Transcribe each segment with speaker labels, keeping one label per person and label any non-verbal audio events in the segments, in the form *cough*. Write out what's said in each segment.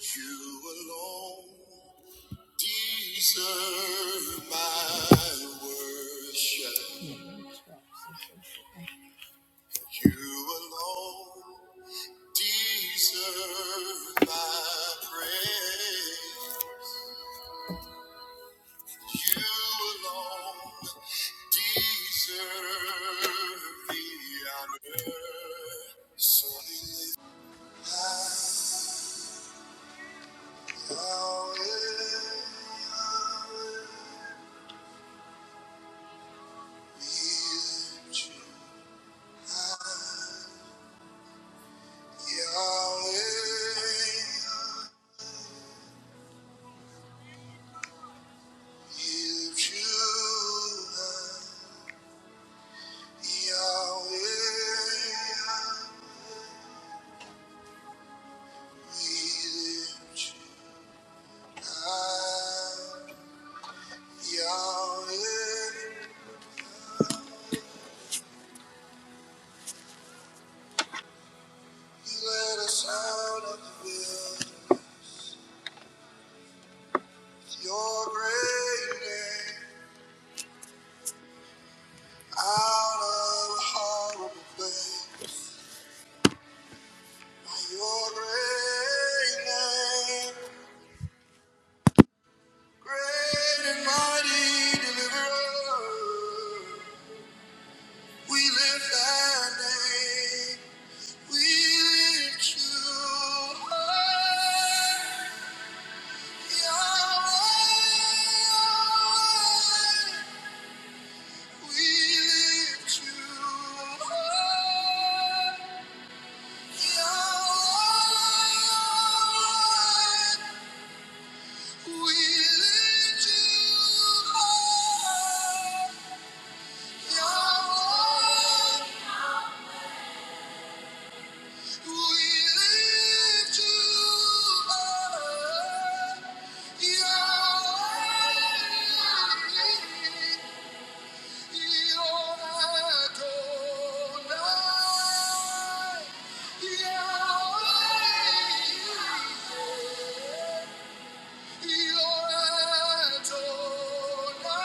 Speaker 1: You alone deserve my worship. You alone deserve my praise. You alone deserve the honor. So we lift high, Yahweh, Yahweh, we lift you. Your great name out of horrible place. Your great name. Great and mighty deliverer, we lift thy name. We lift you high. Yahweh, Yahweh, we lift you high. Yahweh, Yahweh, we lift you high. You are,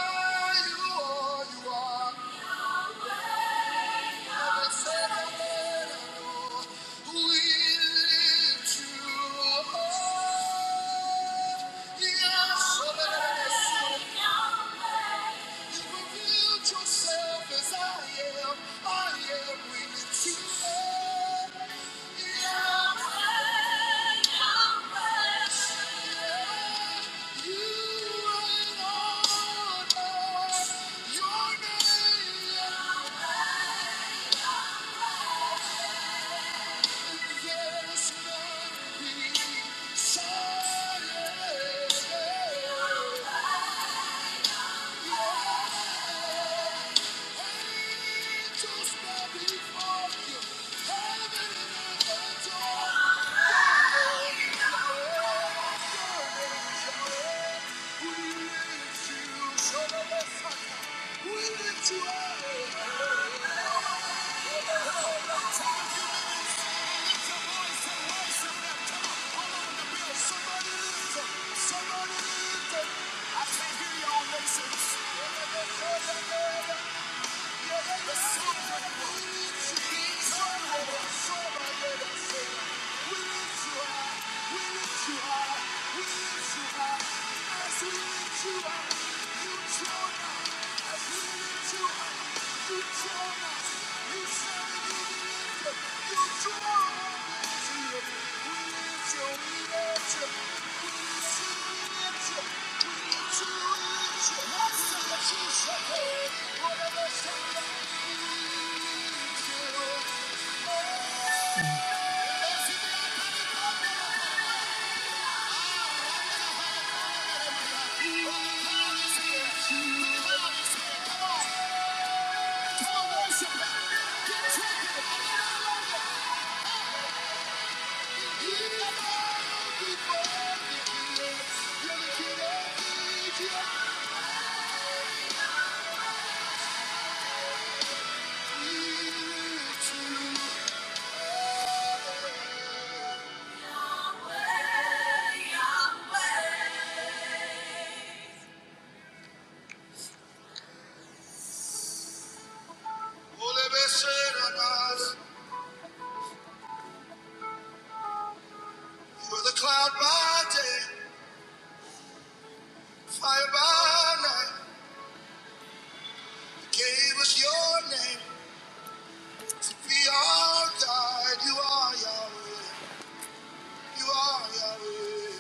Speaker 1: you are. Your name. We lift you up. Somebody lift it. I can't hear y'all, Mason. We lift your we lift your, we lift your. Volebeseranas. With a cloud by day, fire by night, gave us your name. We all died. You are Yahweh. You are Yahweh.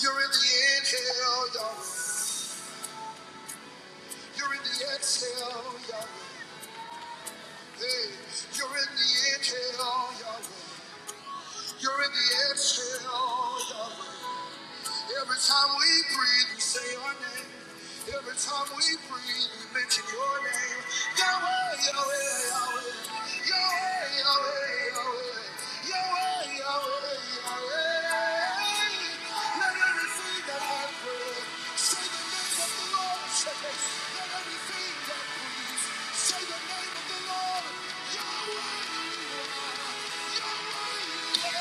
Speaker 1: You're in the inhale, Yahweh. You're in the exhale, Yahweh. Hey, you're in the inhale, Yahweh. You're in the exhale, Yahweh. Every time we breathe, we say your name. Every time we breathe, we mention your name. Yahweh, Yahweh, Yahweh. Yahweh, Yahweh, Yahweh. Yahweh, Yahweh, Yahweh. Let everything that has breath say the name of the Lord. Let everything that breathes say the name of the Lord. Yahweh, you Yahweh,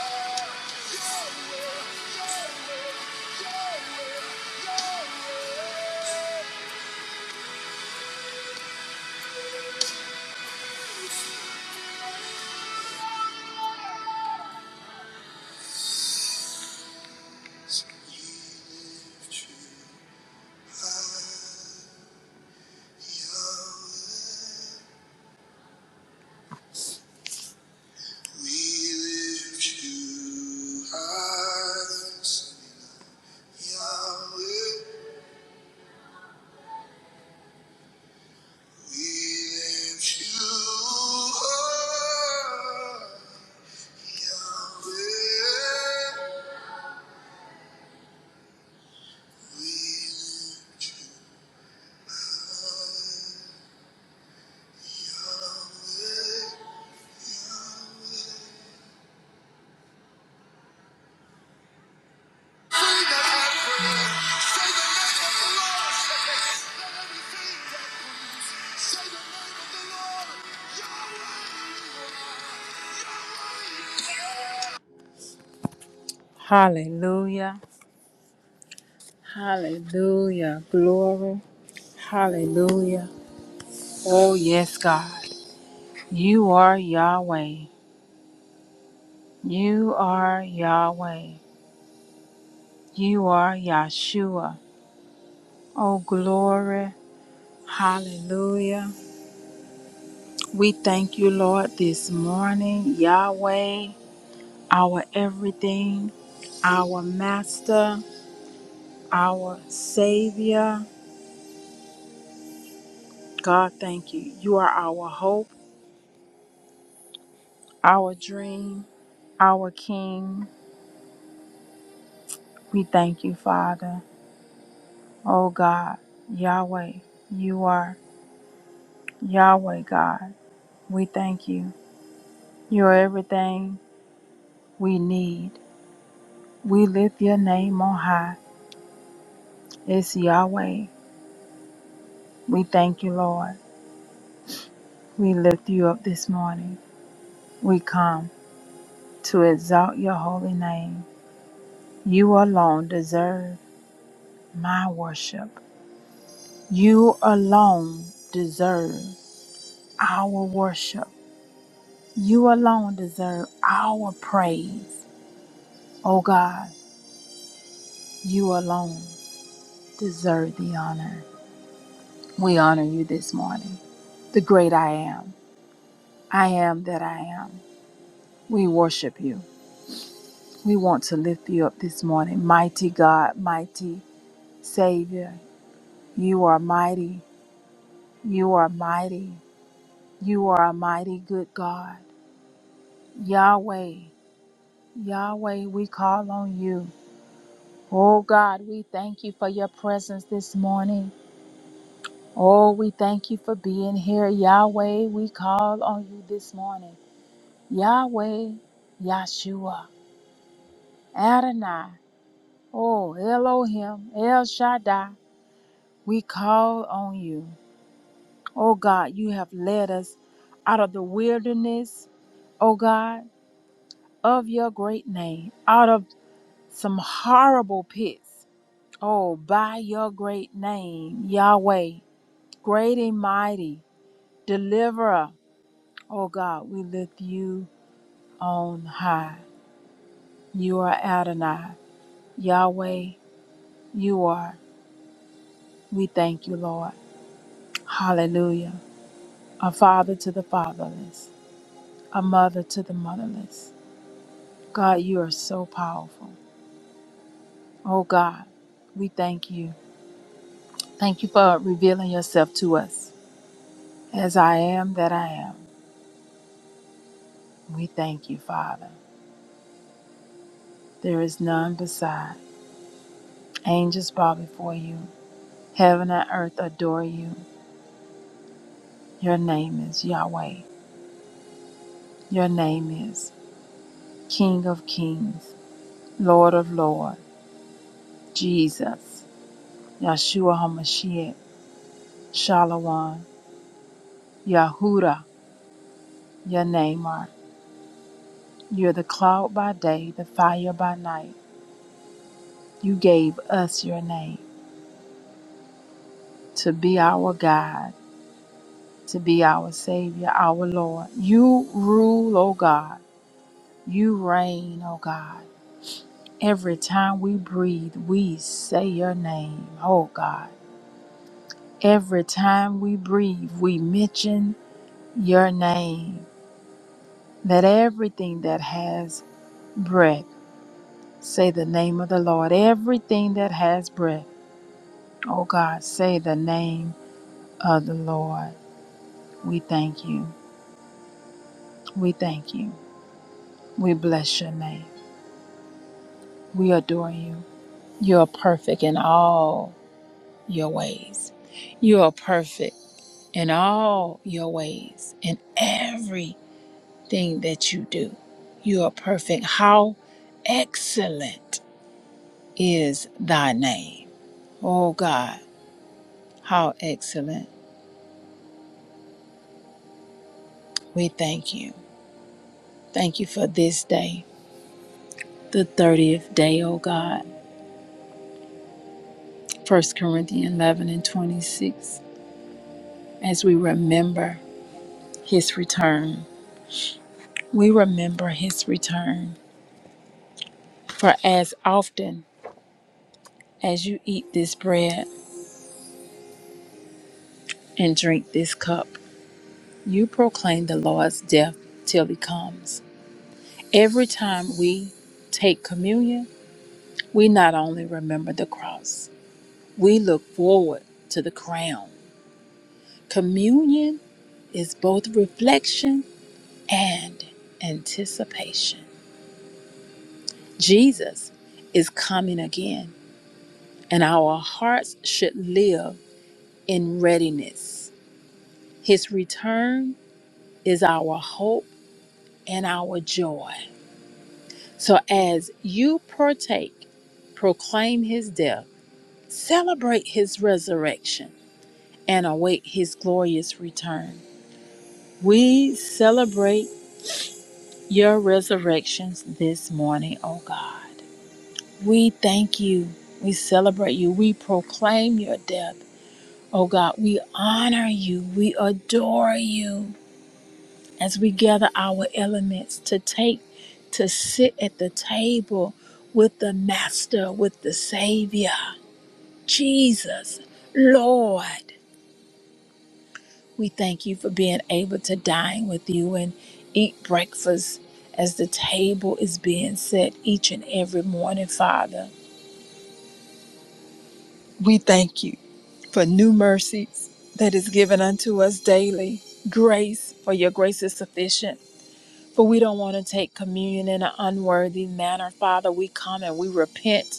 Speaker 1: Yahweh. Hallelujah. Hallelujah. Glory. Hallelujah. Oh, yes, God. You are Yahweh. You are Yahweh. You are Yahshua. Oh, glory. Hallelujah. We thank you, Lord, this morning, Yahweh. our everything, our Master, our Savior. God, thank you. You are our hope, our dream, our King. We thank you, Father. Oh God, Yahweh, you are Yahweh, God. We thank you. You are everything we need. We lift your name on high. It's Yahweh. We thank you, Lord. We lift you up this morning. We come to exalt your holy name. You alone deserve my worship. You alone deserve our worship. You alone deserve our praise. Oh God, you alone deserve the honor. We honor you this morning. The great I am. I am that I am. We worship you. We want to lift you up this morning. Mighty God, mighty Savior, you are mighty. You are mighty. You are a mighty good God. Yahweh, Yahweh, we call on you. Oh God, we thank you for your presence this morning. Oh, we thank you for being here. Yahweh, we call on you this morning. Yahweh, Yahshua, Adonai, oh Elohim, El Shaddai, we call on you. Oh God, you have led us out of the wilderness, oh God, of your great name, out of some horrible pits. Oh, by your great name, Yahweh, great and mighty, deliverer. Oh God, we lift you on high. You are Adonai. Yahweh, you are. We thank you, Lord. Hallelujah. A father to the fatherless, a mother to the motherless. God, you are so powerful. Oh God, we thank you. Thank you for revealing yourself to us. As I am that I am. We thank you, Father. There is none beside. Angels bow before you. Heaven and earth adore you. Your name is Yahweh. Your name is King of Kings, Lord of Lords, Jesus, Yahshua HaMashiach, Shalom, Yahuda. Your name are. You're the cloud by day, the fire by night. You gave us your name to be our God, to be our Savior, our Lord. You rule, O God. You reign, O God. Every time we breathe, we say your name, oh God. Every time we breathe, we mention your name. Let everything that has breath say the name of the Lord. Everything that has breath, oh God, say the name of the Lord. We thank you. We thank you. We bless your name. We adore you. You are perfect in all your ways. You are perfect. in all your ways, in everything that you do. You are perfect. How excellent is thy name. Oh God, how excellent. We thank you. Thank you for this day, the 30th day, oh God. First Corinthians 11 and 26. As we remember his return, we remember his return. For as often as you eat this bread and drink this cup, You proclaim the Lord's death till he comes. Every time we take communion, we not only remember the cross, we look forward to the crown. Communion is both reflection and anticipation. Jesus is coming again, and our hearts should live in readiness. His return is our hope and our joy. So as you partake, proclaim his death, celebrate his resurrection, and await his glorious return. We celebrate your resurrections this morning, O God. We thank you. We celebrate you. We proclaim your death. O God, we honor you. We adore you as we gather our elements to take, to sit at the table with the Master, with the Savior. Jesus, Lord, we thank you for being able to dine with you and eat breakfast as the table is being set each and every morning, Father. We thank you for new mercies that is given unto us daily. Grace, for your grace is sufficient. For we don't want to take communion in an unworthy manner, Father. We come and we repent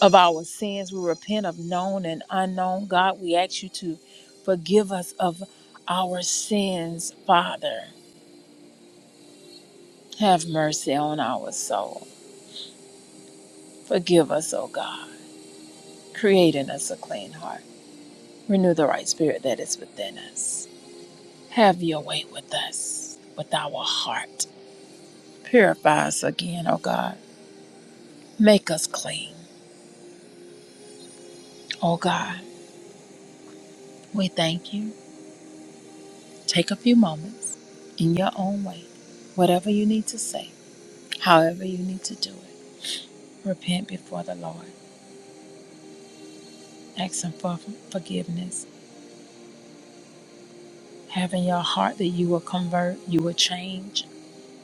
Speaker 1: of our sins. We repent of known and unknown. God, we ask you to forgive us of our sins, Father. Have mercy on our soul. Forgive us, O God, create in us a clean heart. Renew the right spirit that is within us. Have your way with us, with our heart. Purify us again, O God. Make us clean, O God. We thank you. Take a few moments in your own way, whatever you need to say However, you need to do it. Repent before the Lord. Ask Him for forgiveness. Have in your heart that you will convert, you will change,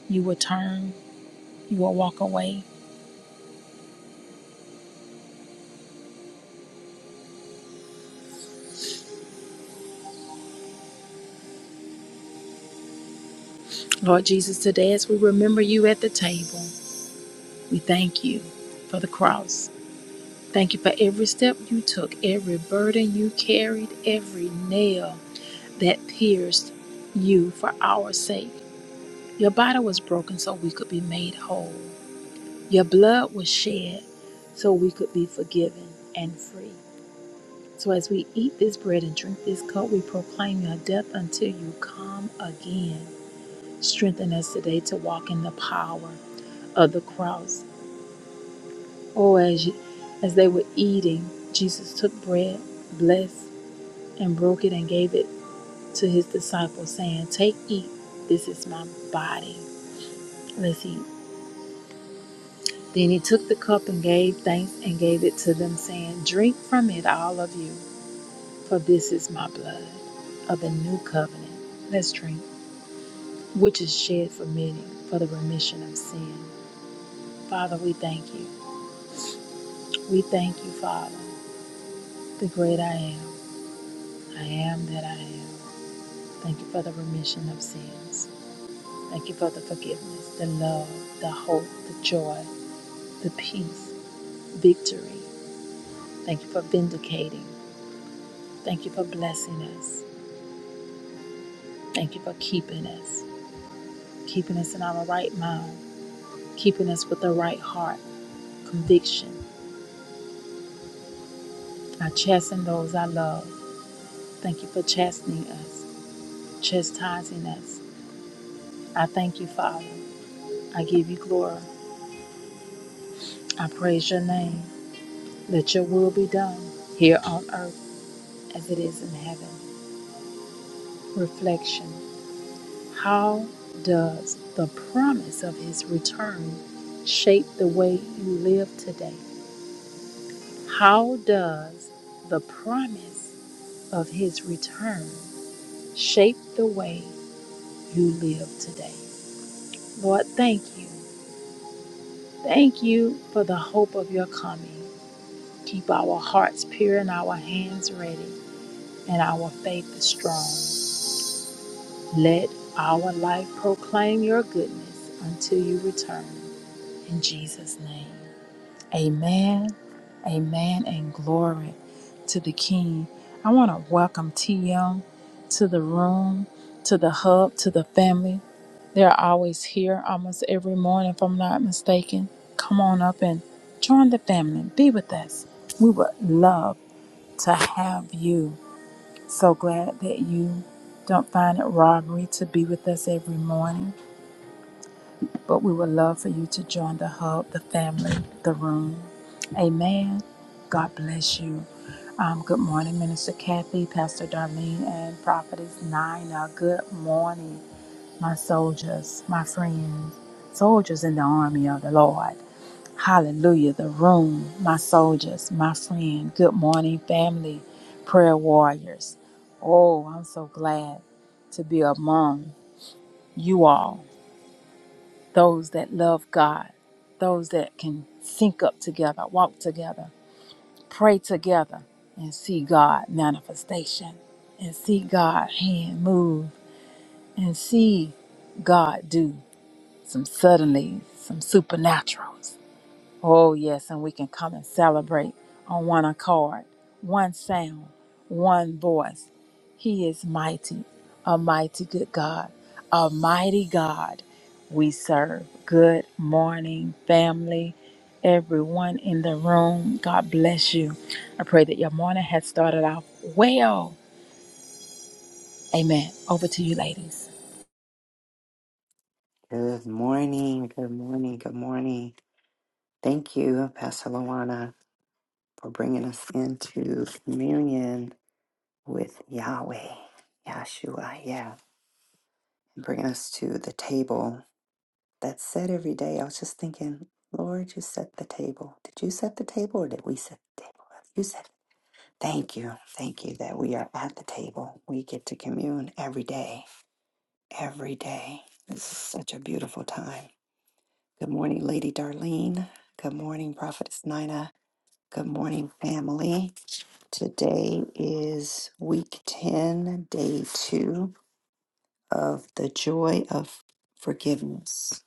Speaker 1: you will turn, you will walk away. Lord Jesus, today as we remember you at the table, we thank you for the cross. Thank you for every step you took, every burden you carried, every nail that pierced you for our sake. Your body was broken so we could be made whole. Your blood was shed so we could be forgiven and free. So as we eat this bread and drink this cup, we proclaim your death until you come again. Strengthen us today to walk in the power of the cross. Oh, as you, as they were eating, Jesus took bread, blessed, and broke it and gave it to his disciples, saying, Take, eat, this is my body. Let's eat. Then he took the cup and gave thanks and gave it to them, saying, Drink from it, all of you. For this is my blood of the new covenant. Let's drink, which is shed for many for the remission of sin. Father, we thank you. We thank you, Father, the great I am. I am that I am. Thank you for the remission of sins. Thank you for the forgiveness, the love, the hope, the joy, the peace, victory. Thank you for vindicating. Thank you for blessing us. Thank you for keeping us, keeping us in our right mind, keeping us with the right heart conviction. I chasten those I love. Thank you for chastening us, chastising us. I thank you, Father. I give you glory. I praise your name. Let your will be done here on earth as it is in heaven. Reflection How does the promise of his return shape the way you live today? How does the promise of his return shape the way you live today? Lord, thank you. Thank you for the hope of your coming. Keep our hearts pure and our hands ready and our faith strong. Let our life proclaim your goodness until you return. In Jesus' name. Amen, amen, and glory to the King. I want to welcome TM to the room, to the hub, to the family. They're always here almost every morning, if I'm not mistaken. Come on up and join the family. Be with us. We would love to have you. So glad that you don't find it robbery to be with us every morning. But we would love for you to join the hub, the family, the room. Amen. God bless you. Um, good morning, Minister Kathy, Pastor Darlene, and Prophetess Nina. Good morning, my soldiers, my friends, soldiers in the army of the Lord. Hallelujah. The room, my soldiers, my friend. Good morning, family, prayer warriors. Oh, I'm so glad to be among you all those that love God, those that can sync up together, walk together, pray together, and see God manifestation, and see God hand move, and see God do some suddenly, some supernaturals. Oh, yes, and we can come and celebrate on one accord, one sound, one voice. He is mighty, a mighty good God, a mighty God we serve. Good morning, family, everyone in the room. God bless you. I pray that your morning has started off well. Amen. Over to you, ladies.
Speaker 2: Good morning, good morning, good morning. Thank you, Pastor Luana, for bringing us into communion with Yahweh, Yahshua, yeah, and bringing us to the table that's set every day. I was just thinking, Lord, you set the table. Did you set the table or did we set the table? You said, thank you, thank you that we are at the table. We get to commune every day, every day. This is such a beautiful time. Good morning, Lady Darlene. Good morning, Prophetess Nina. Good morning, family. Today is week 10, day two of the joy of forgiveness.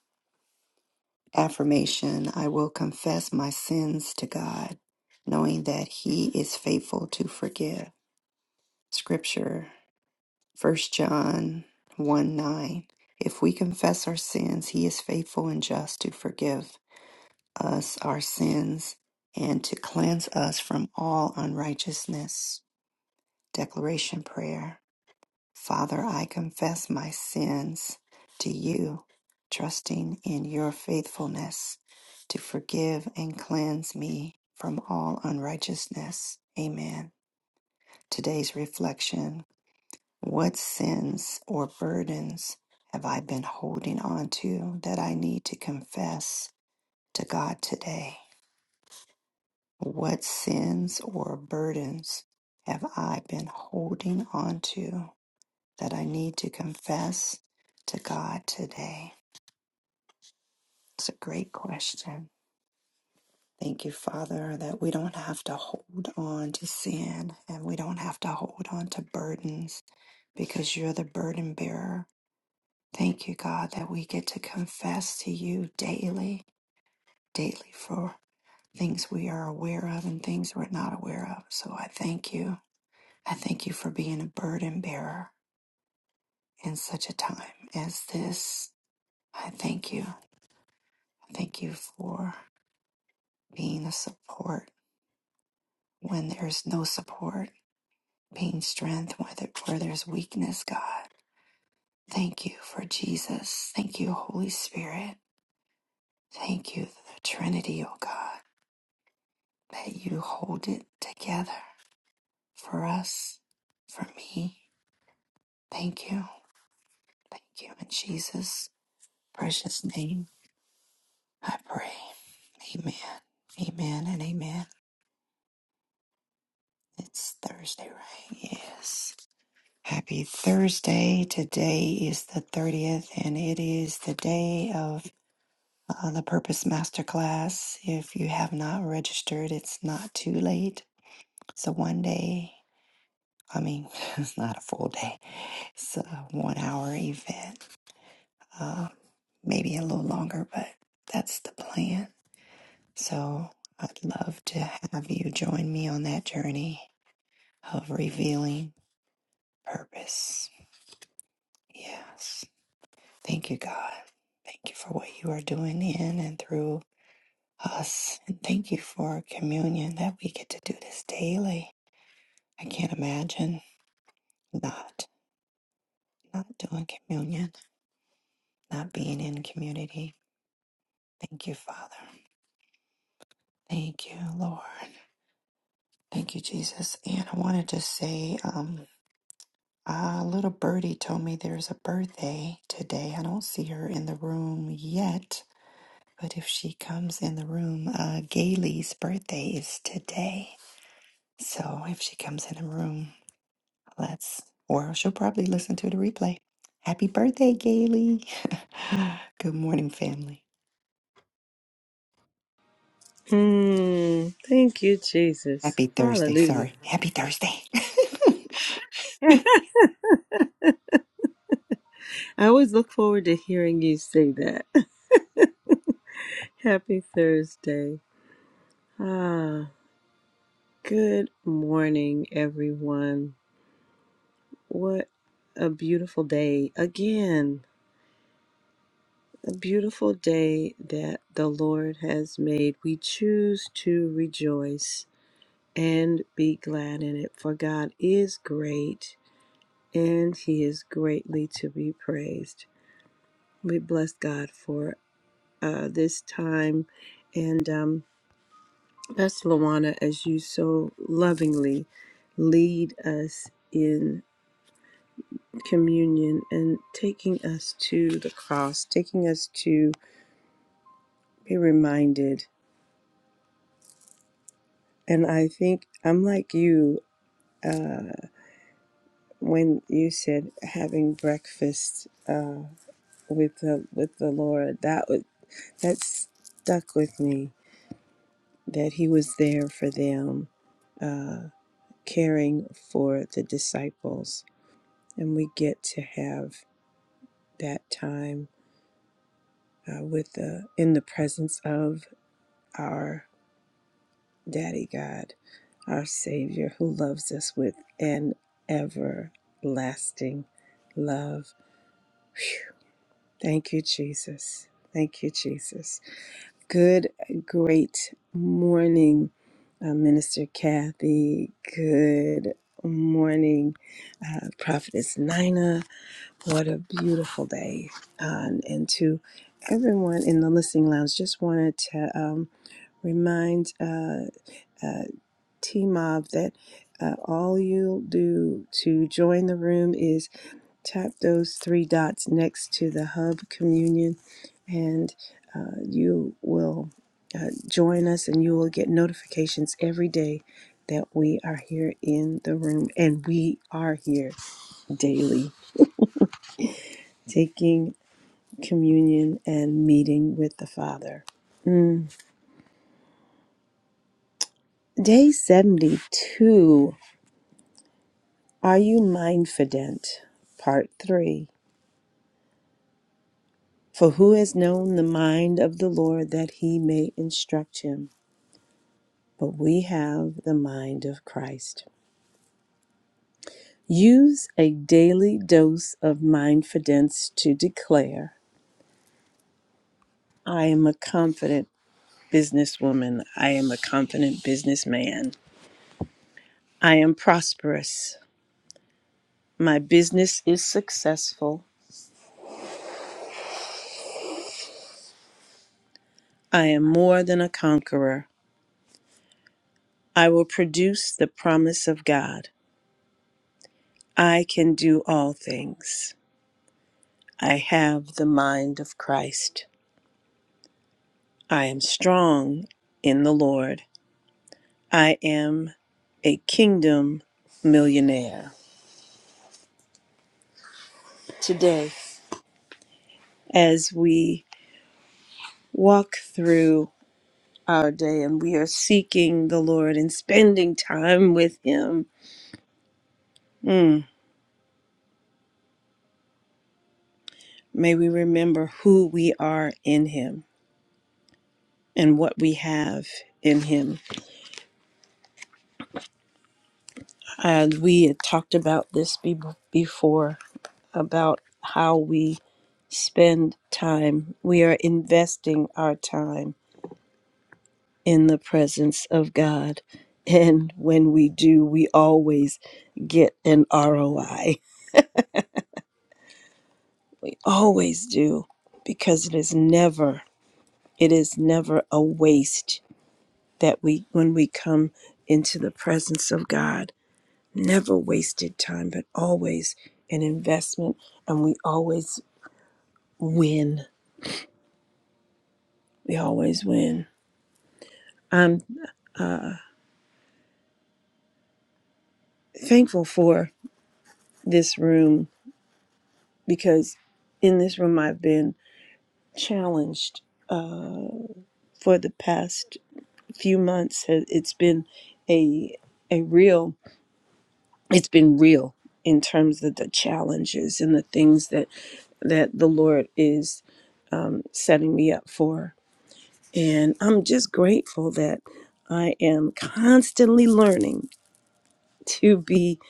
Speaker 2: Affirmation I will confess my sins to God, knowing that He is faithful to forgive. Scripture First John 1 9. If we confess our sins, He is faithful and just to forgive us our sins and to cleanse us from all unrighteousness. Declaration Prayer Father, I confess my sins to you, trusting in your faithfulness to forgive and cleanse me from all unrighteousness. Amen. Today's reflection What sins or burdens have I been holding on to that I need to confess to God today? What sins or burdens have I been holding on to that I need to confess to God today? It's a great question. Thank you, Father, that we don't have to hold on to sin and we don't have to hold on to burdens because you're the burden bearer. Thank you, God, that we get to confess to you daily, daily for things we are aware of and things we're not aware of. So I thank you. I thank you for being a burden bearer in such a time as this. I thank you. I thank you for being a support when there's no support, being strength where, there, where there's weakness, God. Thank you for Jesus. Thank you, Holy Spirit. Thank you, the Trinity, O God, that you hold it together for us, for me. Thank you. Thank you in Jesus' precious name. I pray. Amen. Amen and amen. It's Thursday, right? Yes. Happy Thursday. Today is the 30th and it is the day of uh, the Purpose Masterclass. If you have not registered, it's not too late. So one day, I mean, *laughs* it's not a full day, it's a one hour event, uh, maybe a little longer, but that's the plan. So I'd love to have you join me on that journey of revealing purpose. Yes. Thank you, God. Thank you for what you are doing in and through us. And thank you for communion that we get to do this daily. I can't imagine not not doing communion, not being in community. Thank you, Father. Thank you, Lord. Thank you, Jesus. And I wanted to just say, um, a little birdie told me there's a birthday today. I don't see her in the room yet, But if she comes in the room, uh, Gailey's birthday is today. So if she comes in the room, let's, or she'll probably listen to the replay. Happy birthday, Gailey. *laughs* Good morning, family.
Speaker 3: Mm, thank you, Jesus.
Speaker 2: Happy Thursday.
Speaker 3: Hallelujah.
Speaker 2: Sorry. Happy Thursday.
Speaker 3: *laughs*
Speaker 2: *laughs*
Speaker 3: I always look forward to hearing you say that. *laughs* Happy Thursday. Ah, good morning, everyone. What a beautiful day. Again, a beautiful day that the Lord has made. We choose to rejoice and be glad in it, for God is great and He is greatly to be praised. We bless God for uh, this time. And um, Pastor Luana, as you so lovingly lead us in communion and taking us to the cross, taking us to be reminded. And I think I'm like you uh, when you said having breakfast uh, with the with the Lord. That was that stuck with me. That He was there for them. uh, caring for the disciples and we get to have that time uh, with the in the presence of our daddy god our savior who loves us with an everlasting love thank you jesus thank you jesus good great morning uh, minister kathy good morning uh, prophetess nina What a beautiful day. Um, and to everyone in the listening lounge, just wanted to um, remind uh, uh, T Mob that uh, all you'll do to join the room is tap those three dots next to the hub communion, and uh, you will uh, join us and you will get notifications every day that we are here in the room and we are here daily taking. communion and meeting with the Father. Mm. Day 72 Are You Mindfident? Part 3 For who has known the mind of the Lord that he may instruct him? But we have the mind of Christ. Use a daily dose of mindfidence to declare I am a confident businesswoman. I am a confident businessman. I am prosperous. My business is successful. I am more than a conqueror. I will produce the promise of God. I can do all things. I have the mind of Christ. I am strong in the Lord. I am a kingdom millionaire. Today, as we walk through our day and we are seeking the Lord and spending time with Him, mm, may we remember who we are in Him and what we have in Him. And we had talked about this be- before about how we spend time. We are investing our time in the presence of God. *laughs* And when we do, we always get an ROI. We always do because it is never, it is never a waste that we, when we come into the presence of God never wasted time, but always an investment, and we always win. We always win. I'm thankful for this room because in this room I've been challenged for the past few months. It's been a a real. It's been real in terms of the challenges and the things that that the Lord is um, setting me up for And I'm just grateful that I am constantly learning to be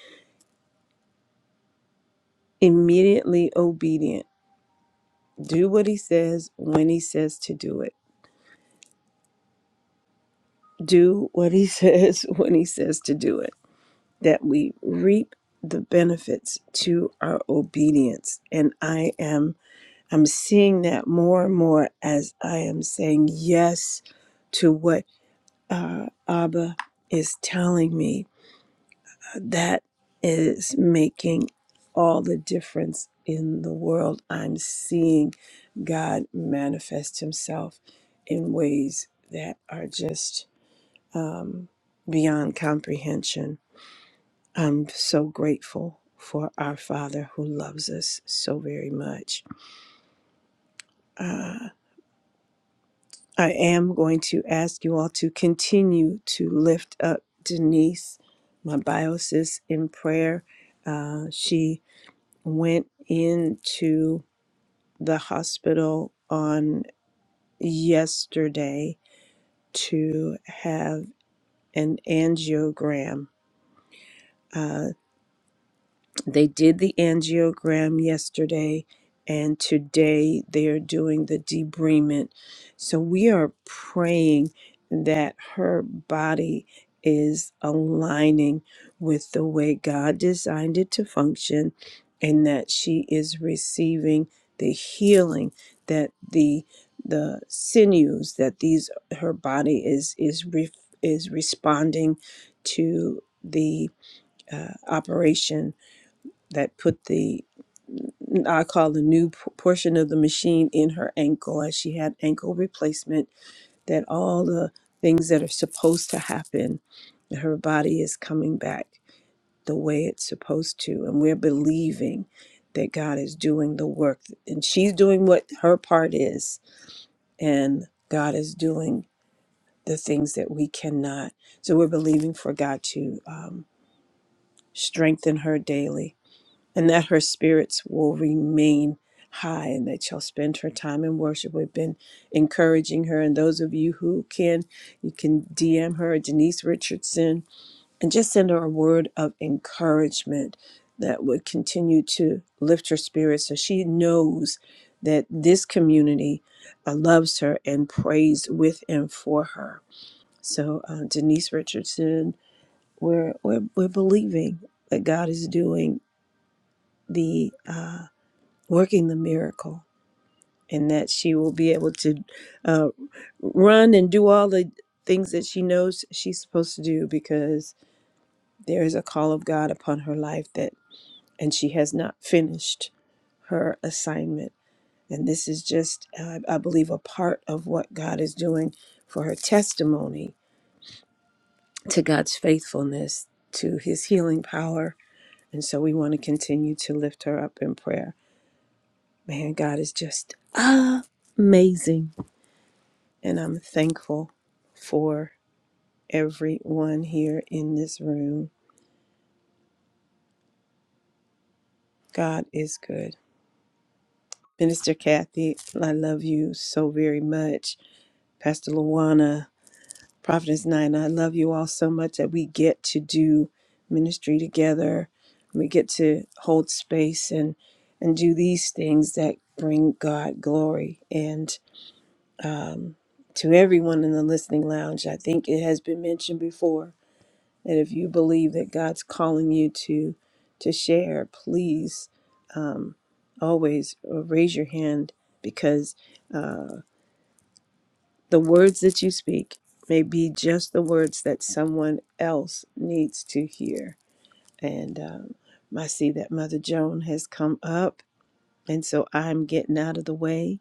Speaker 3: immediately obedient. Do what he says when he says to do it. Do what he says *laughs* when he says to do it. That we reap the benefits to our obedience. And I am I'm seeing that more and more as I am saying yes to what uh, Abba is telling me that is making all the difference in the world. I'm seeing God manifest Himself in ways that are just um, beyond comprehension. I'm so grateful for our Father who loves us so very much. Uh, I am going to ask you all to continue to lift up Denise, my biosis, in prayer. Uh, she went into the hospital on yesterday to have an angiogram. Uh, They did the angiogram yesterday, and today they are doing the debridement. So we are praying that her body is aligning with the way God designed it to function and that she is receiving the healing that the the sinews that these her body is is re, is responding to the uh, operation that put the I call the new p- portion of the machine in her ankle as she had ankle replacement, that all the things that are supposed to happen, that her body is coming back the way it's supposed to. And we're believing that God is doing the work and she's doing what her part is, and God is doing the things that we cannot. So we're believing for God to um, strengthen her daily and that her spirits will remain high and that she'll spend her time in worship. We've been encouraging her, and those of you who can, you can DM her, Denise Richardson, and just send her a word of encouragement that would continue to lift her spirits so she knows that this community uh, loves her and prays with and for her. So, uh, Denise Richardson, we're, we're, we're believing that God is doing the uh, working the miracle and that she will be able to uh, run and do all the things that she knows she's supposed to do because there is a call of God upon her life that and she has not finished her assignment and this is just uh, I believe a part of what God is doing for her testimony to God's faithfulness to his healing power and so we want to continue to lift her up in prayer man God is just amazing and I'm thankful for everyone here in this room. God is good. Minister Kathy, I love you so very much. Pastor Luana, Prophetess Nine, I love you all so much that we get to do ministry together. We get to hold space and and do these things that bring God glory. And to everyone in the listening lounge, I think it has been mentioned before And if you believe that God's calling you to to share, please always uh, raise your hand because uh, the words that you speak may be just the words that someone else needs to hear. And um, I see that Mother Joan has come up, and so I'm getting out of the way.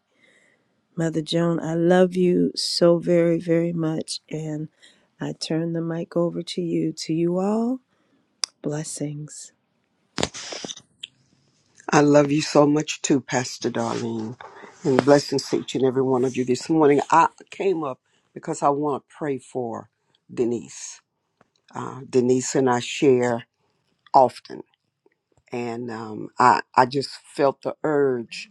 Speaker 3: Mother Joan, I love you so very, very much, and I turn the mic over to you. To you all, blessings.
Speaker 4: I love you so much too, Pastor Darlene. And blessings to each and every one of you this morning. I came up because I want to pray for Denise. Uh, Denise and I share often. And um, I, I just felt the urge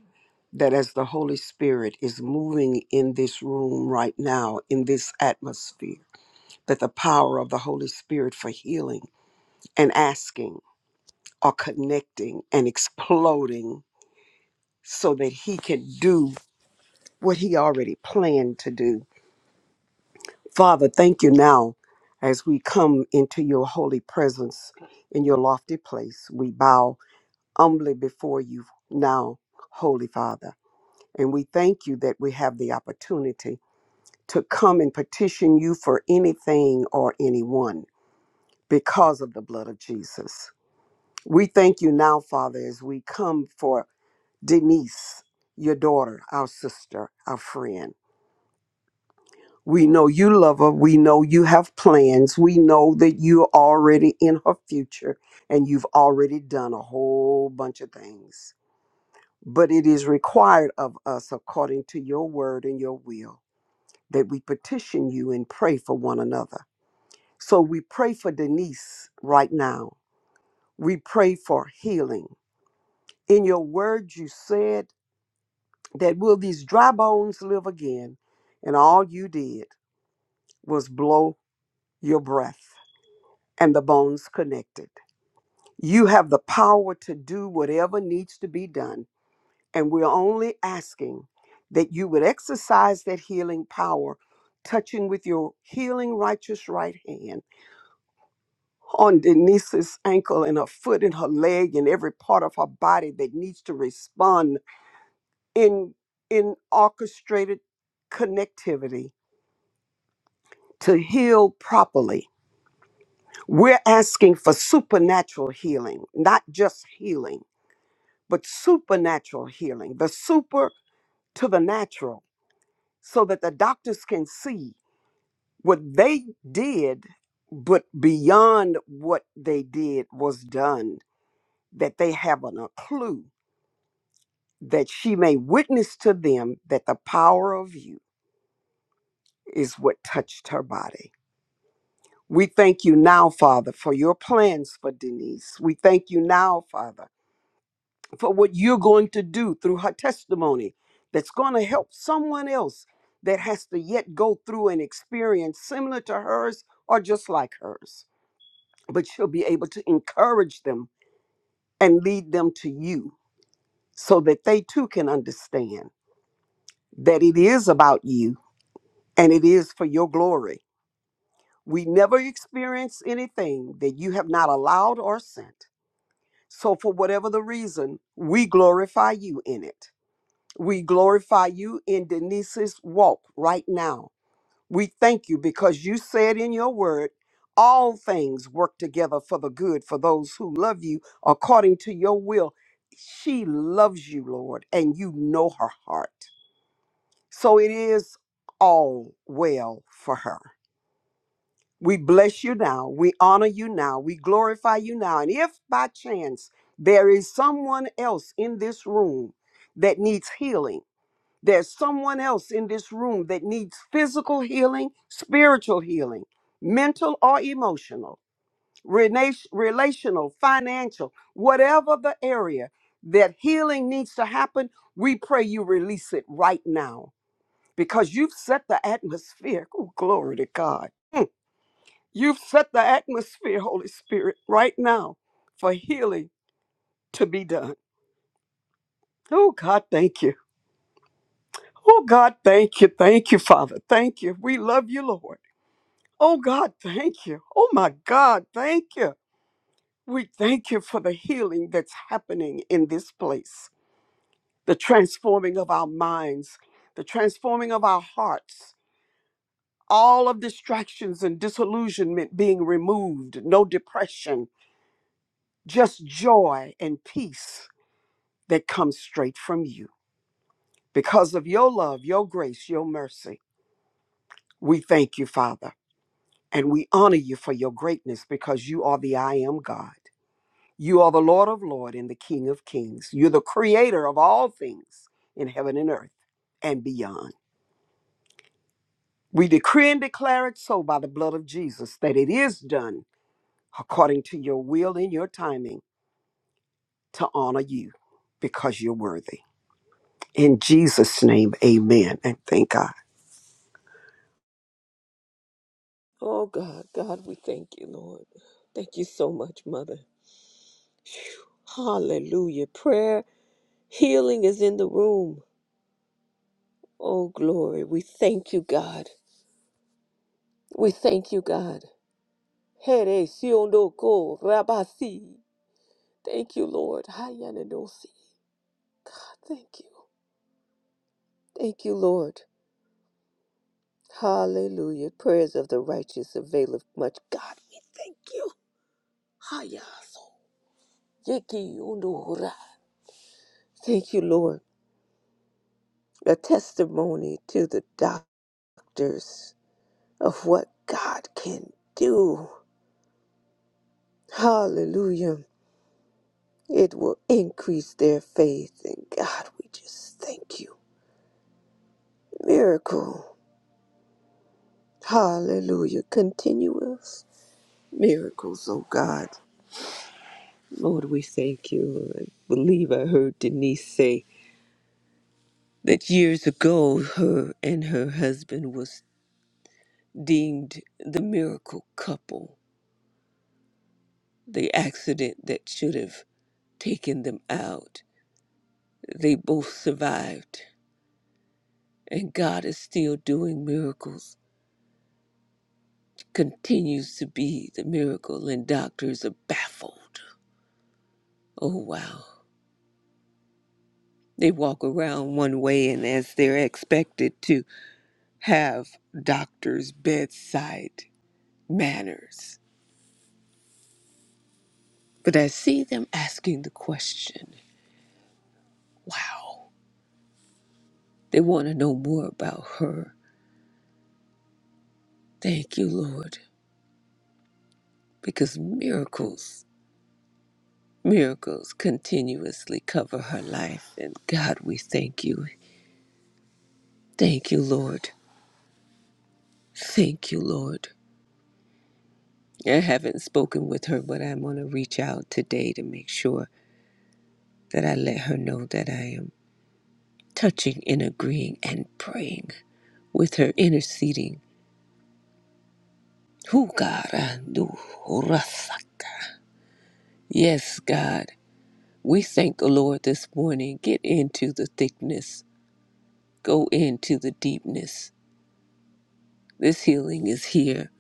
Speaker 4: that as the Holy Spirit is moving in this room right now, in this atmosphere, that the power of the Holy Spirit for healing and asking are connecting and exploding so that He can do what he already planned to do. Father, thank you now as we come into your holy presence in your lofty place. We bow humbly before you now, Holy Father. And we thank you that we have the opportunity to come and petition you for anything or anyone because of the blood of Jesus. We thank you now, Father, as we come for Denise, your daughter, our sister, our friend. We know you love her. We know you have plans. We know that you're already in her future and you've already done a whole bunch of things. But it is required of us, according to your word and your will, that we petition you and pray for one another. So we pray for Denise right now. We pray for healing. In your word, you said that will these dry bones live again? And all you did was blow your breath. and the bones connected. You have the power to do whatever needs to be done, and we're only asking that you would exercise that healing power, touching with your healing righteous right hand on Denise's ankle and her foot and her leg and every part of her body that needs to respond in in orchestrated connectivity to heal properly. We're asking for supernatural healing, not just healing but supernatural healing, the super to the natural, so that the doctors can see what they did, but beyond what they did was done, that they haven't a clue, that she may witness to them that the power of you is what touched her body. We thank you now, Father, for your plans for Denise. We thank you now, Father for what you're going to do through her testimony that's going to help someone else that has to yet go through an experience similar to hers or just like hers. But she'll be able to encourage them and lead them to you so that they too can understand that it is about you and it is for your glory. We never experience anything that you have not allowed or sent. So, for whatever the reason, we glorify you in it. We glorify you in Denise's walk right now. We thank you because you said in your word, all things work together for the good for those who love you according to your will. She loves you, Lord, and you know her heart. So it is all well for her. We bless you now. We honor you now. We glorify you now. And if by chance there is someone else in this room that needs healing, there's someone else in this room that needs physical healing, spiritual healing, mental or emotional, rena- relational, financial, whatever the area that healing needs to happen, we pray you release it right now because you've set the atmosphere. Oh, glory to God. You've set the atmosphere, Holy Spirit, right now for healing to be done. Oh, God, thank you. Oh, God, thank you. Thank you, Father. Thank you. We love you, Lord. Oh God, thank you. Oh my God, thank you. We thank you for the healing that's happening in this place, the transforming of our minds, the transforming of our hearts, all of distractions and disillusionment being removed, no depression, just joy and peace that comes straight from you. Because of your love, your grace, your mercy, we thank you, Father, and we honor you for your greatness because you are the I am God. You are the Lord of Lords and the King of Kings. You're the creator of all things in heaven and earth and beyond. We decree and declare it so by the blood of Jesus that it is done according to your will and your timing to honor you because you're worthy. In Jesus' name, amen. And thank God.
Speaker 5: Oh God, God, we thank you, Lord. Thank you so much, Mother. Phew. Hallelujah. Prayer healing is in the room. Oh glory. We thank you, God. We thank you, God. Here siondoko rabasi. Thank you, Lord. Hayanadosi. God, Thank you. Thank you, Lord. Hallelujah. Prayers of the righteous availeth much. God, we thank you. Hayaso. Yeki undohura. Thank you, Lord. a testimony to the doctors of what God can do. Hallelujah. It will increase their faith. And God, we just thank you. Miracle. Hallelujah. Continuous miracles, oh God. Lord, we thank you. I believe I heard Denise say that years ago, her and her husband was deemed the miracle couple, the accident that should have taking them out. They both survived. And God is still doing miracles, continues to be the miracle, and doctors are baffled. Oh, wow. They walk around one way, and as they're expected to have doctors' bedside manners. But I see them asking the question wow. They want to know more about her. Thank you, Lord, because miracles Miracles continuously cover her life. And God, we thank you. Thank you, Lord. Thank you, Lord. I haven't spoken with her, but I'm going to reach out today to make sure that I let her know that I am touching and agreeing and praying with her, interceding. Who God? I do. Rasaka. Yes, God. We thank the Lord this morning. Get into the thickness, go into the deepness. This healing is here.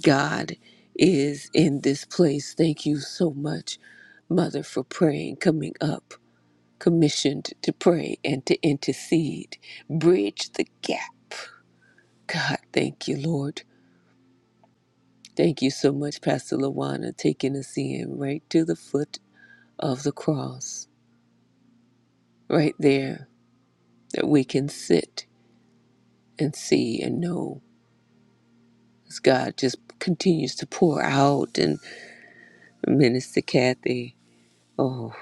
Speaker 5: God is in this place. Thank you so much, Mother, for praying, coming up, commissioned to pray and to intercede, bridge the gap. God, thank you, Lord. Thank you so much, Pastor Lawana, taking us in right to the foot of the cross, right there, that we can sit and see and know as God just continues to pour out and minister Kathy. Oh,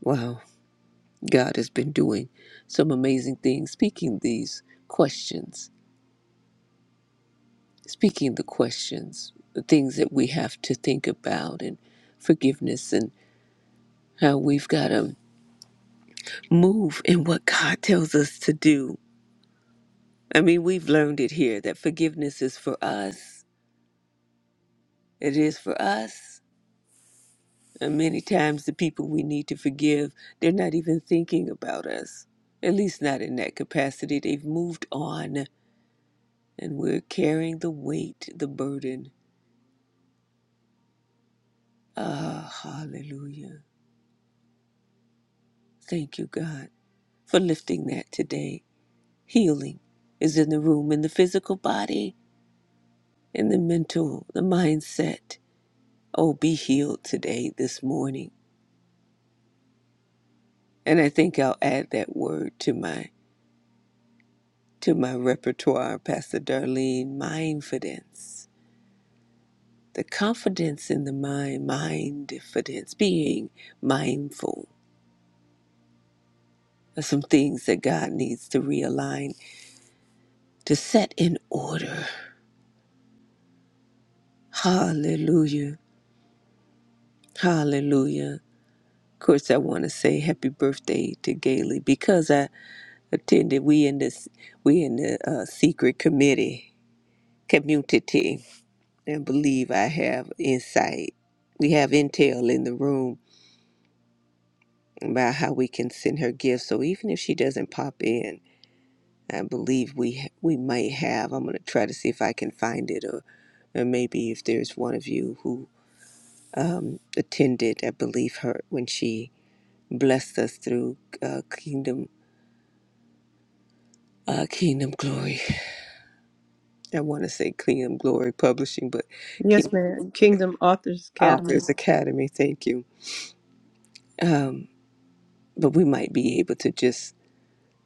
Speaker 5: wow. God has been doing some amazing things, speaking these questions, speaking the questions, the things that we have to think about, and forgiveness, and how we've got to move in what God tells us to do. I mean, we've learned it here that forgiveness is for us, it is for us. And many times, the people we need to forgive, they're not even thinking about us, at least not in that capacity. They've moved on, and we're carrying the weight, the burden Ah, hallelujah. Thank you, God, for lifting that today. Healing is in the room, in the physical body, in the mental, the mindset. Oh, be healed today, this morning. And I think I'll add that word to my to my repertoire, Pastor Darlene, mindfidence. The confidence in the mind, mindfidence, being mindful of some things that God needs to realign, to set in order Hallelujah. Hallelujah. Of course I want to say happy birthday to Gailey because I attended we in this we in the uh, secret committee community and believe I have insight. We have intel in the room about how we can send her gifts. So even if she doesn't pop in, I believe we we might have. I'm going to try to see if I can find it or or maybe if there's one of you who um, attended, I believe her when she Blessed us through uh, Kingdom uh, Kingdom Glory. I want to say Kingdom Glory Publishing, but
Speaker 3: Yes,
Speaker 5: Kingdom
Speaker 3: ma'am. Kingdom Authors Academy.
Speaker 5: Authors Academy. Thank you. Um, but we might be able to just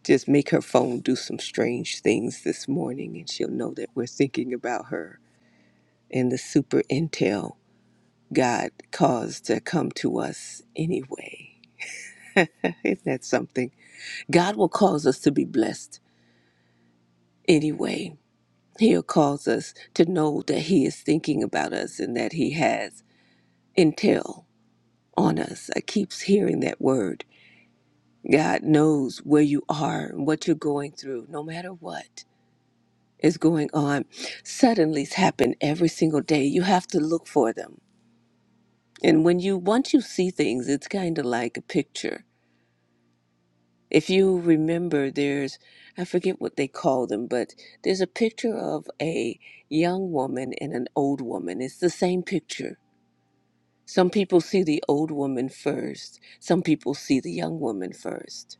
Speaker 5: just make her phone do some strange things this morning, and she'll know that we're thinking about her and the super intel God caused to come to us anyway. *laughs* Isn't that something? God will cause us to be blessed anyway He'll cause us to know that He is thinking about us and that He has intel on us. I keeps hearing that word. God knows where you are and what you're going through, no matter what is going on. Suddenlies happen every single day. You have to look for them. And when you once you see things, it's kind of like a picture. If you remember, there's I forget what they call them, but there's a picture of a young woman and an old woman. It's the same picture Some people see the old woman first, some people see the young woman first.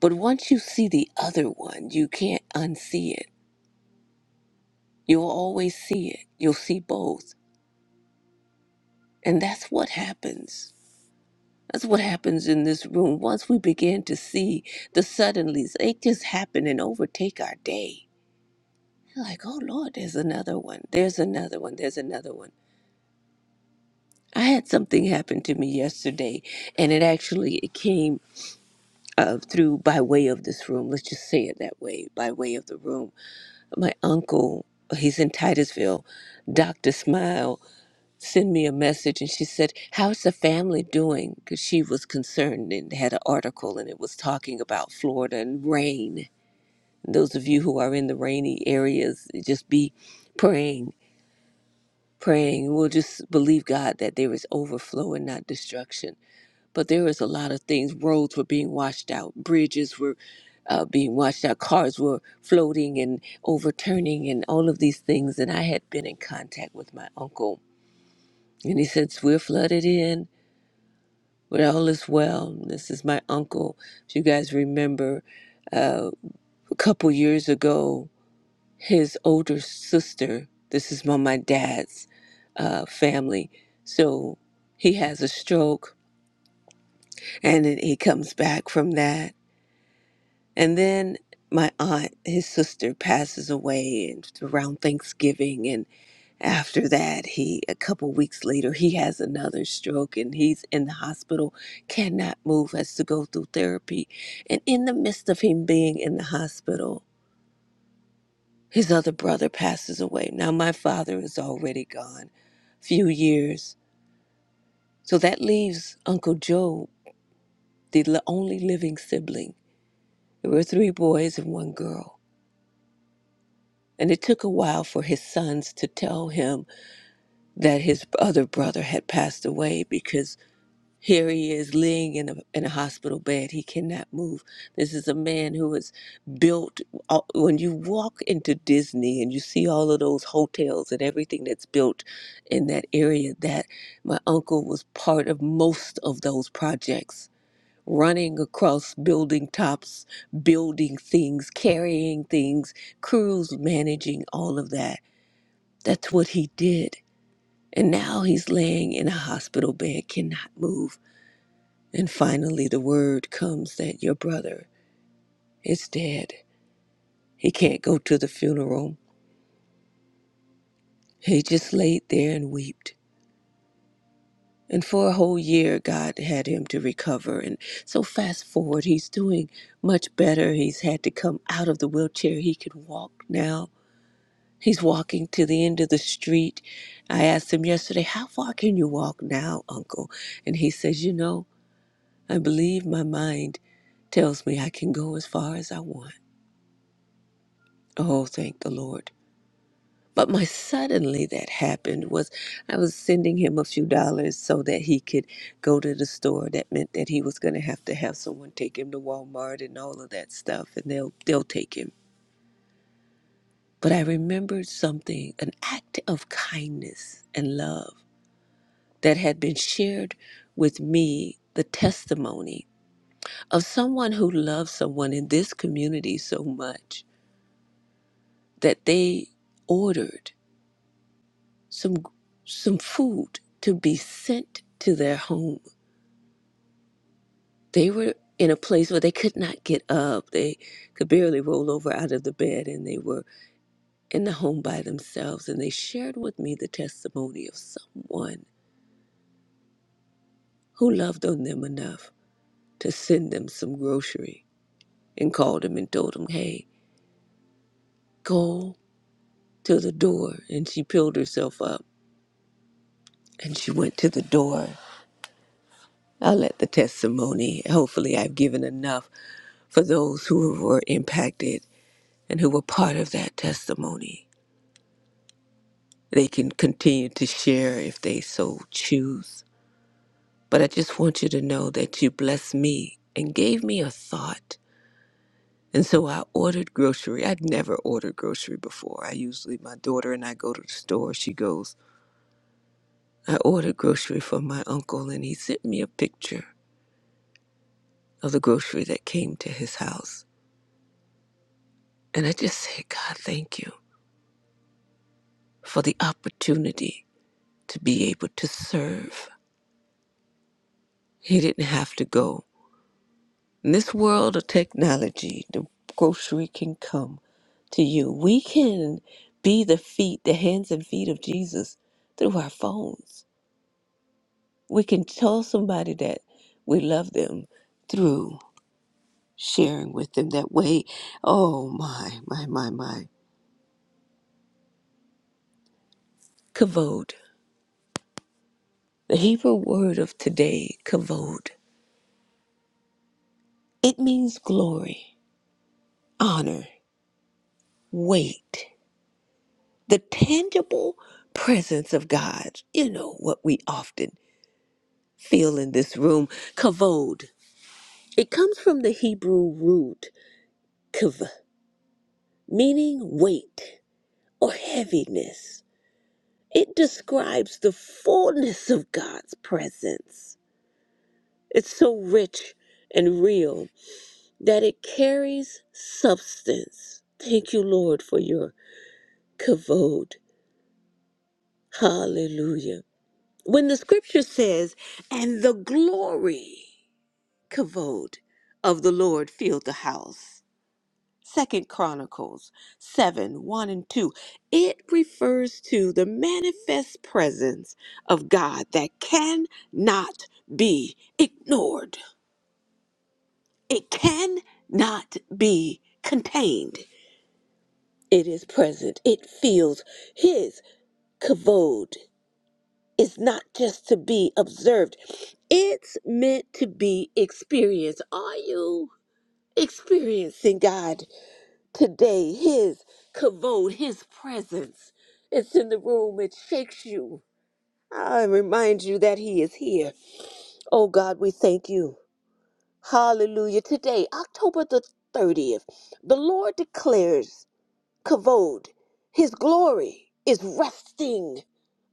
Speaker 5: But once you see the other one, you can't unsee it. You'll always see it. You'll see both. And that's what happens. That's what happens in this room. Once we begin to see the suddenlies, they just happen and overtake our day. You're like, oh Lord, there's another one. There's another one. There's another one. I had something happen to me yesterday, and it actually it came. uh, through by way of this room. Let's just say it that way, by way of the room. My uncle, he's in Titusville, Dr. Smile, sent me a message and she said, How's the family doing? Because she was concerned and had an article and it was talking about Florida and rain. Those of you who are in the rainy areas, just be praying, praying. We'll just believe God that there is overflow and not destruction but there was a lot of things. Roads were being washed out, bridges were uh, being washed out, cars were floating and overturning, and all of these things. And I had been in contact with my uncle, and he said, "We're flooded in, but all is well." This is my uncle. If you guys remember, uh, a couple years ago, his older sister. This is on my dad's uh, family, so he has a stroke, and then he comes back from that And then my aunt, his sister, passes away and it's around Thanksgiving. And after that, he, a couple weeks later, he has another stroke and he's in the hospital, cannot move, has to go through therapy. And in the midst of him being in the hospital, his other brother passes away. Now, my father is already gone, few years. So that leaves Uncle Joe, the l- only living sibling. There were three boys and one girl And it took a while for his sons to tell him that his other brother had passed away because here he is laying in a, in a hospital bed. He cannot move. This is a man who is built. uh, When you walk into Disney and you see all of those hotels and everything that's built in that area, that my uncle was part of most of those projects. Running across building tops, building things, carrying things, crews managing all of that that's what he did. And now he's laying in a hospital bed, cannot move. And finally, the word comes that your brother is dead. He can't go to the funeral. He just laid there and wept. And for a whole year, God had him to recover. And so, fast forward, he's doing much better. He's had to come out of the wheelchair. He can walk now. He's walking to the end of the street. I asked him yesterday, How far can you walk now, Uncle? And he says, You know, I believe my mind tells me I can go as far as I want. Oh, thank the Lord. But my suddenly that happened was I was sending him a few dollars so that he could go to the store. That meant that he was going to have to have someone take him to Walmart and all of that stuff and they'll they'll take him. But I remembered something, an act of kindness and love that had been shared with me, the testimony of someone who loves someone in this community so much that they ordered some some food to be sent to their home. They were in a place where they could not get up. They could barely roll over out of the bed and they were in the home by themselves and they shared with me the testimony of someone who loved on them enough to send them some grocery and called them and told them, "Hey, go to the door." And she peeled herself up and she went to the door I'll let the testimony, hopefully, I've given enough for those who were impacted and who were part of that testimony. They can continue to share if they so choose. But I just want you to know that you blessed me and gave me a thought. And so I ordered grocery. I'd never ordered grocery before. I usually, my daughter and I go to the store, she goes. I ordered grocery for my uncle, and he sent me a picture of the grocery that came to his house. And I just said, God, thank you. for the opportunity to be able to serve. He didn't have to go. In this world of technology, the grocery can come to you. We can be the feet, the hands and feet of Jesus through our phones. We can tell somebody that we love them through sharing with them that way. Oh my, my, my, my. Kavod. The Hebrew word of today, kavod. It means glory, honor. wait, the tangible presence of God, you know, what we often feel in this room, kavod. It comes from the Hebrew root kav, meaning weight or heaviness. It describes the fullness of God's presence. It's so rich and real that it carries substance. Thank you, Lord, for your kavod. Hallelujah when the scripture says, and the glory, kavod, of the Lord filled the house, Second Chronicles 7 1 and 2, it refers to the manifest presence of God that cannot be ignored, it cannot be contained. It is present, it feels His kavod. Is not just to be observed, it's meant to be experienced. Are you experiencing God today? His kavod, His presence. It's in the room, it shakes you. I remind you that He is here. Oh God, we thank you. Hallelujah. Today, October the 30th, the Lord declares kavod, his glory is resting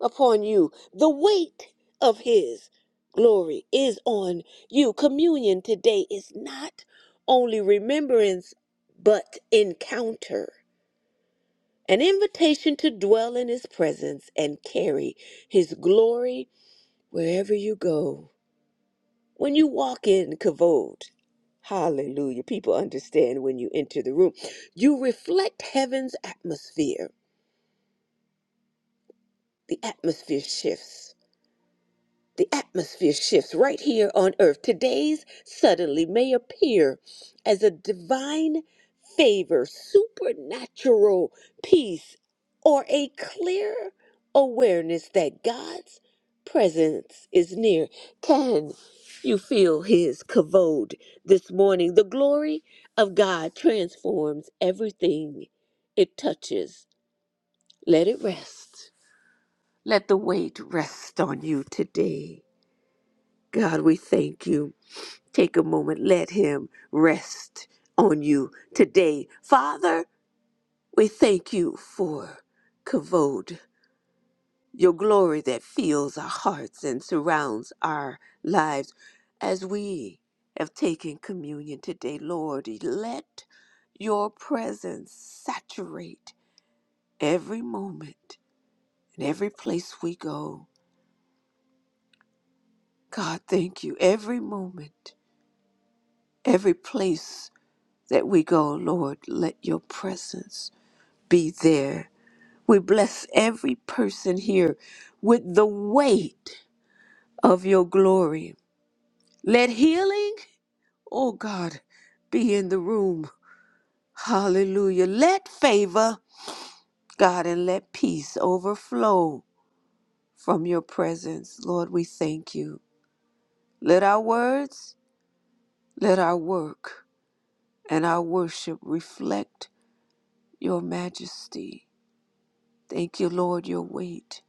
Speaker 5: upon you. The weight of his glory is on you. Communion today is not only remembrance, but encounter. An invitation to dwell in his presence and carry his glory wherever you go. When you walk in kavod, hallelujah, people understand when you enter the room, you reflect heaven's atmosphere the atmosphere shifts. The atmosphere shifts right here on earth. Today's suddenly may appear as a divine favor, supernatural peace, or a clear awareness that God's presence is near. Can you feel his kavod this morning? The glory of God transforms everything it touches. Let it rest. Let the weight rest on you today. God, we thank you. Take a moment. Let him rest on you today. Father, we thank you for Kavod, your glory that fills our hearts and surrounds our lives. As we have taken communion today, Lord, let your presence saturate every moment and every place we go. God, thank you every moment Every place that we go, Lord, let your presence be there. We bless every person here with the weight of your glory. Let healing, oh God, be in the room. Hallelujah. Let favor, God, and let peace overflow from your presence. Lord, we thank you. Let our words, let our work, and our worship reflect your majesty. Thank you, Lord, your weight.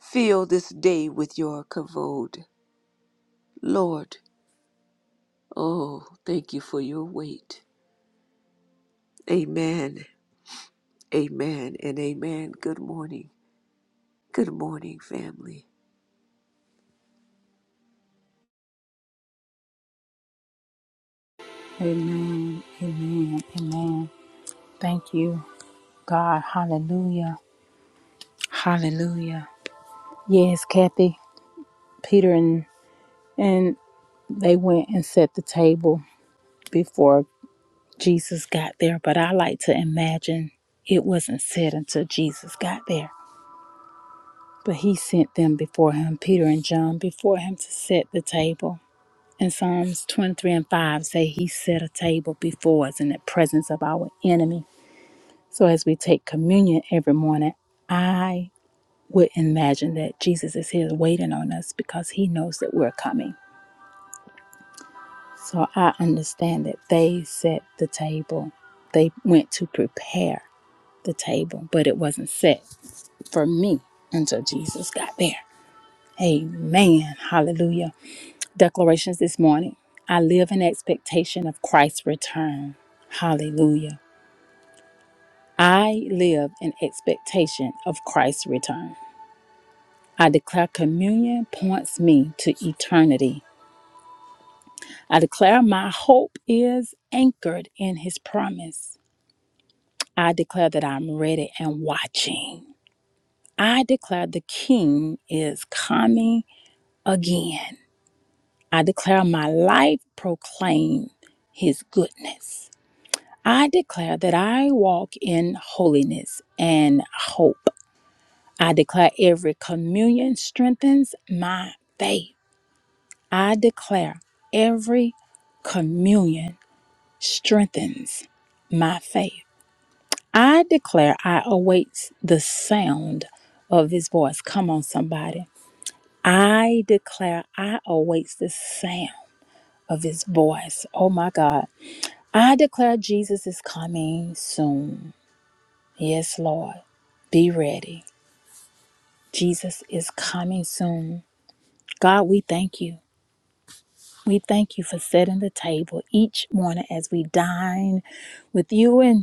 Speaker 5: Fill this day with your kavod. Lord, oh, thank you for your weight. Amen, amen, and amen. Good morning. Good morning, family.
Speaker 1: Amen. Amen. Amen. Thank you, God. Hallelujah. Hallelujah. Yes, Kathy, Peter, and and they went and set the table before Jesus got there. But I like to imagine it wasn't set until Jesus got there. But he sent them before him, Peter and John, before him to set the table. And Psalms 23 and 5 say he set a table before us in the presence of our enemy. So as we take communion every morning, I would imagine that Jesus is here waiting on us because he knows that we're coming. So I understand that they set the table. They went to prepare the table, but it wasn't set for me until Jesus got there. Amen. Hallelujah. Declarations this morning. I live in expectation of Christ's return. Hallelujah. I live in expectation of Christ's return. I declare communion points me to eternity. I declare my hope is anchored in his promise. I declare that I'm ready and watching. I declare the King is coming again. I declare my life proclaim his goodness. I declare that I walk in holiness and hope. I declare every communion strengthens my faith. I declare every communion strengthens my faith. I declare I await the sound of his voice. Come on, somebody. I declare I await the sound of his voice. Oh my God. I declare Jesus is coming soon. Yes, Lord. Be ready. Jesus is coming soon. God, we thank you. We thank you for setting the table each morning as we dine with you and.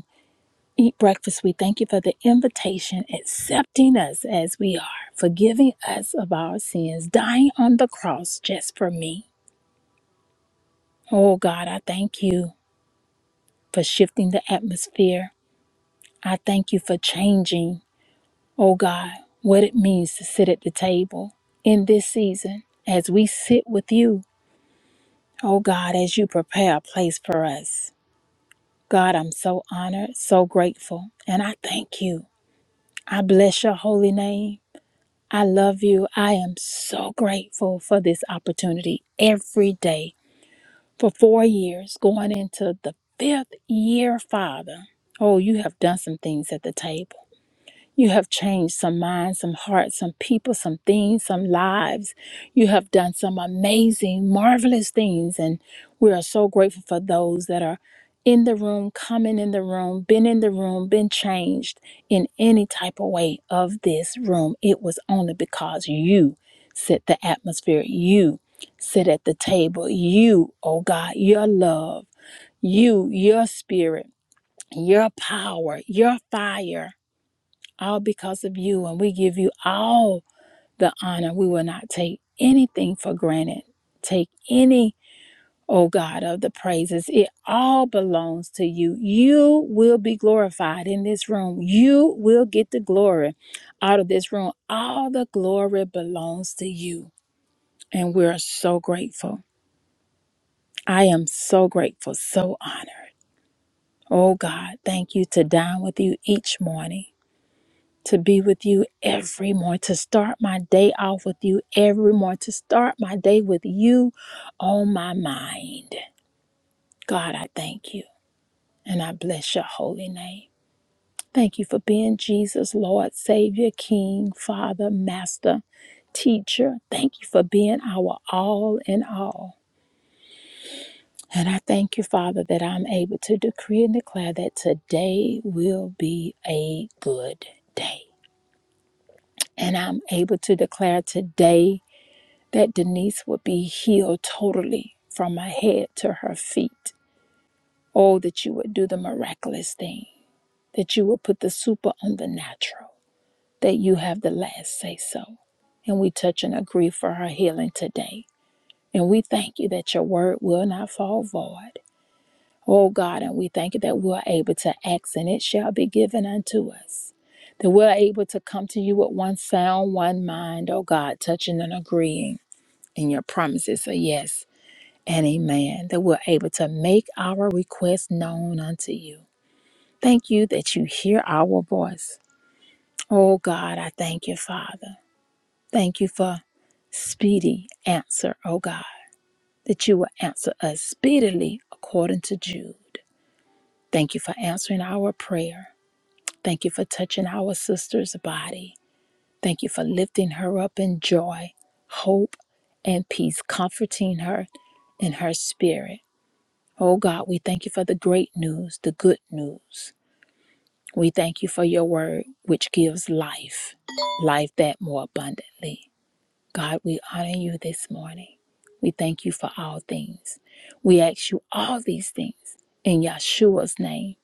Speaker 1: Eat Breakfast, we thank you for the invitation, accepting us as we are, forgiving us of our sins, dying on the cross just for me. Oh God, I thank you for shifting the atmosphere. I thank you for changing, oh God, what it means to sit at the table in this season as we sit with you, oh God, as you prepare a place for us. God, I'm so honored, so grateful, and I thank you. I bless your holy name. I love you. I am so grateful for this opportunity every day for four years, going into the fifth year, Father. Oh, you have done some things at the table. You have changed some minds, some hearts, some people, some things, some lives. You have done some amazing, marvelous things. And we are so grateful for those that are in the room, coming in the room, been in the room, been changed in any type of way of this room. It was only because you set the atmosphere. You sit at the table. You, oh God, your love, you, your spirit, your power, your fire all because of you. And we give you all the honor. We will not take anything for granted. Take any, oh God, of the praises. It all belongs to you. You will be glorified in this room. You will get the glory out of this room. All the glory belongs to you. And we're so grateful. I am so grateful, so honored. Oh God, thank you to dine with you each morning. to be with you every morning, to start my day off with you every morning, to start my day with you on my mind. God, I thank you and I bless your holy name. Thank you for being Jesus, Lord, Savior, King, Father, Master, Teacher. Thank you for being our all in all. And I thank you, Father, that I'm able to decree and declare that today will be a good day. And I'm able to declare today that Denise would be healed totally from her head to her feet. Oh, that you would do the miraculous thing, that you would put the super on the natural, that you have the last say so. And we touch and agree for her healing today. And we thank you that your word will not fall void. Oh God, and we thank you that we're able to ask and it shall be given unto us. That we're able to come to you with one sound, one mind, oh God, touching and agreeing. And your promises are yes and amen that we're able to make our requests known unto you. Thank you that you hear our voice. Oh God, I thank you, Father. Thank you for speedy answer, oh God, that you will answer us speedily according to Jude. Thank you for answering our prayer. Thank you for touching our sister's body. Thank you for lifting her up in joy, hope, and peace, comforting her in her spirit. Oh God, we thank you for the great news, the good news. We thank you for your word, which gives life, life that more abundantly. God, we honor you this morning. We thank you for all things. We ask you all these things in Yeshua's name.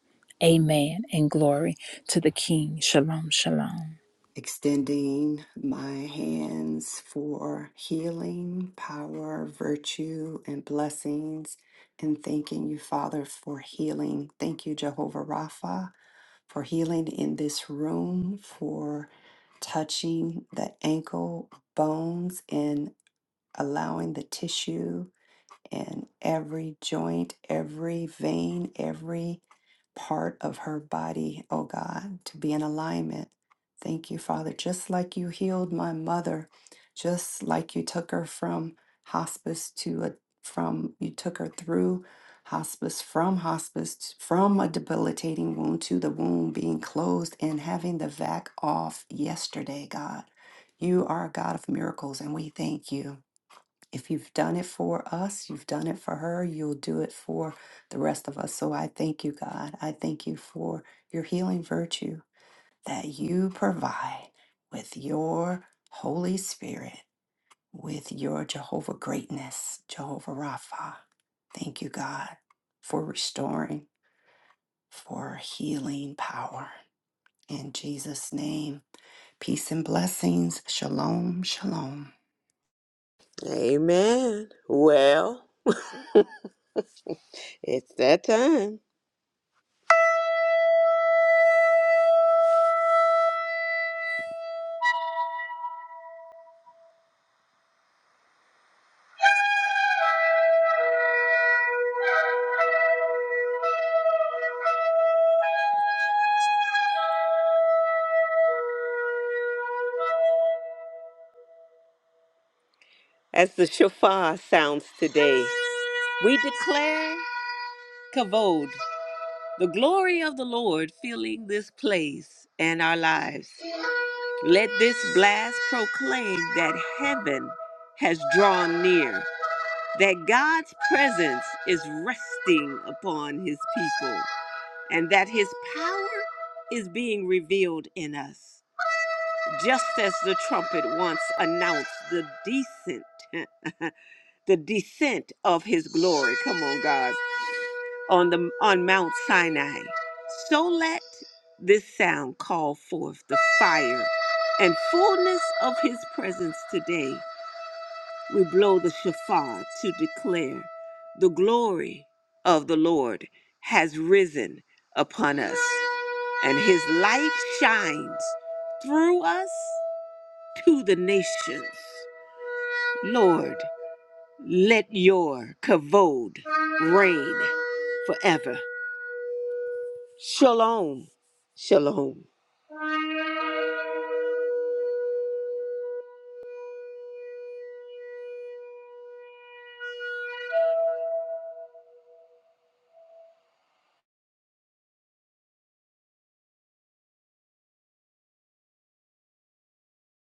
Speaker 1: Amen and glory to the King. Shalom, shalom.
Speaker 2: Extending my hands for healing, power, virtue, and blessings. And thanking you, Father, for healing. Thank you, Jehovah Rapha. for healing in this room, for touching the ankle bones and allowing the tissue in every joint, every vein, every part of her body, oh God, to be in alignment. Thank you, Father. Just like you healed my mother, just like you took her from hospice to a from you took her through hospice from hospice t- from a debilitating wound to the wound being closed and having the vac off yesterday, God. You are a God of miracles and we thank you if you've done it for us, you've done it for her, you'll do it for the rest of us. So I thank you, God. I thank you for your healing virtue that you provide with your Holy Spirit, with your Jehovah greatness, Jehovah Rapha. Thank you, God, for restoring, for healing power. In Jesus' name, peace and blessings. Shalom, shalom.
Speaker 5: Amen. Well, it's that time. As the shofar sounds today, we declare kavod, the glory of the Lord filling this place and our lives. Let this blast proclaim that heaven has drawn near, that God's presence is resting upon his people, and that his power is being revealed in us. Just as the trumpet once announced the descent, *laughs* the descent of his glory. Come on, God on the on Mount Sinai. So let this sound call forth the fire and fullness of his presence today. We blow the shofar to declare the glory of the Lord has risen upon us, and his light shines through us to the nations. Lord, let your kavod reign forever. Shalom. Shalom.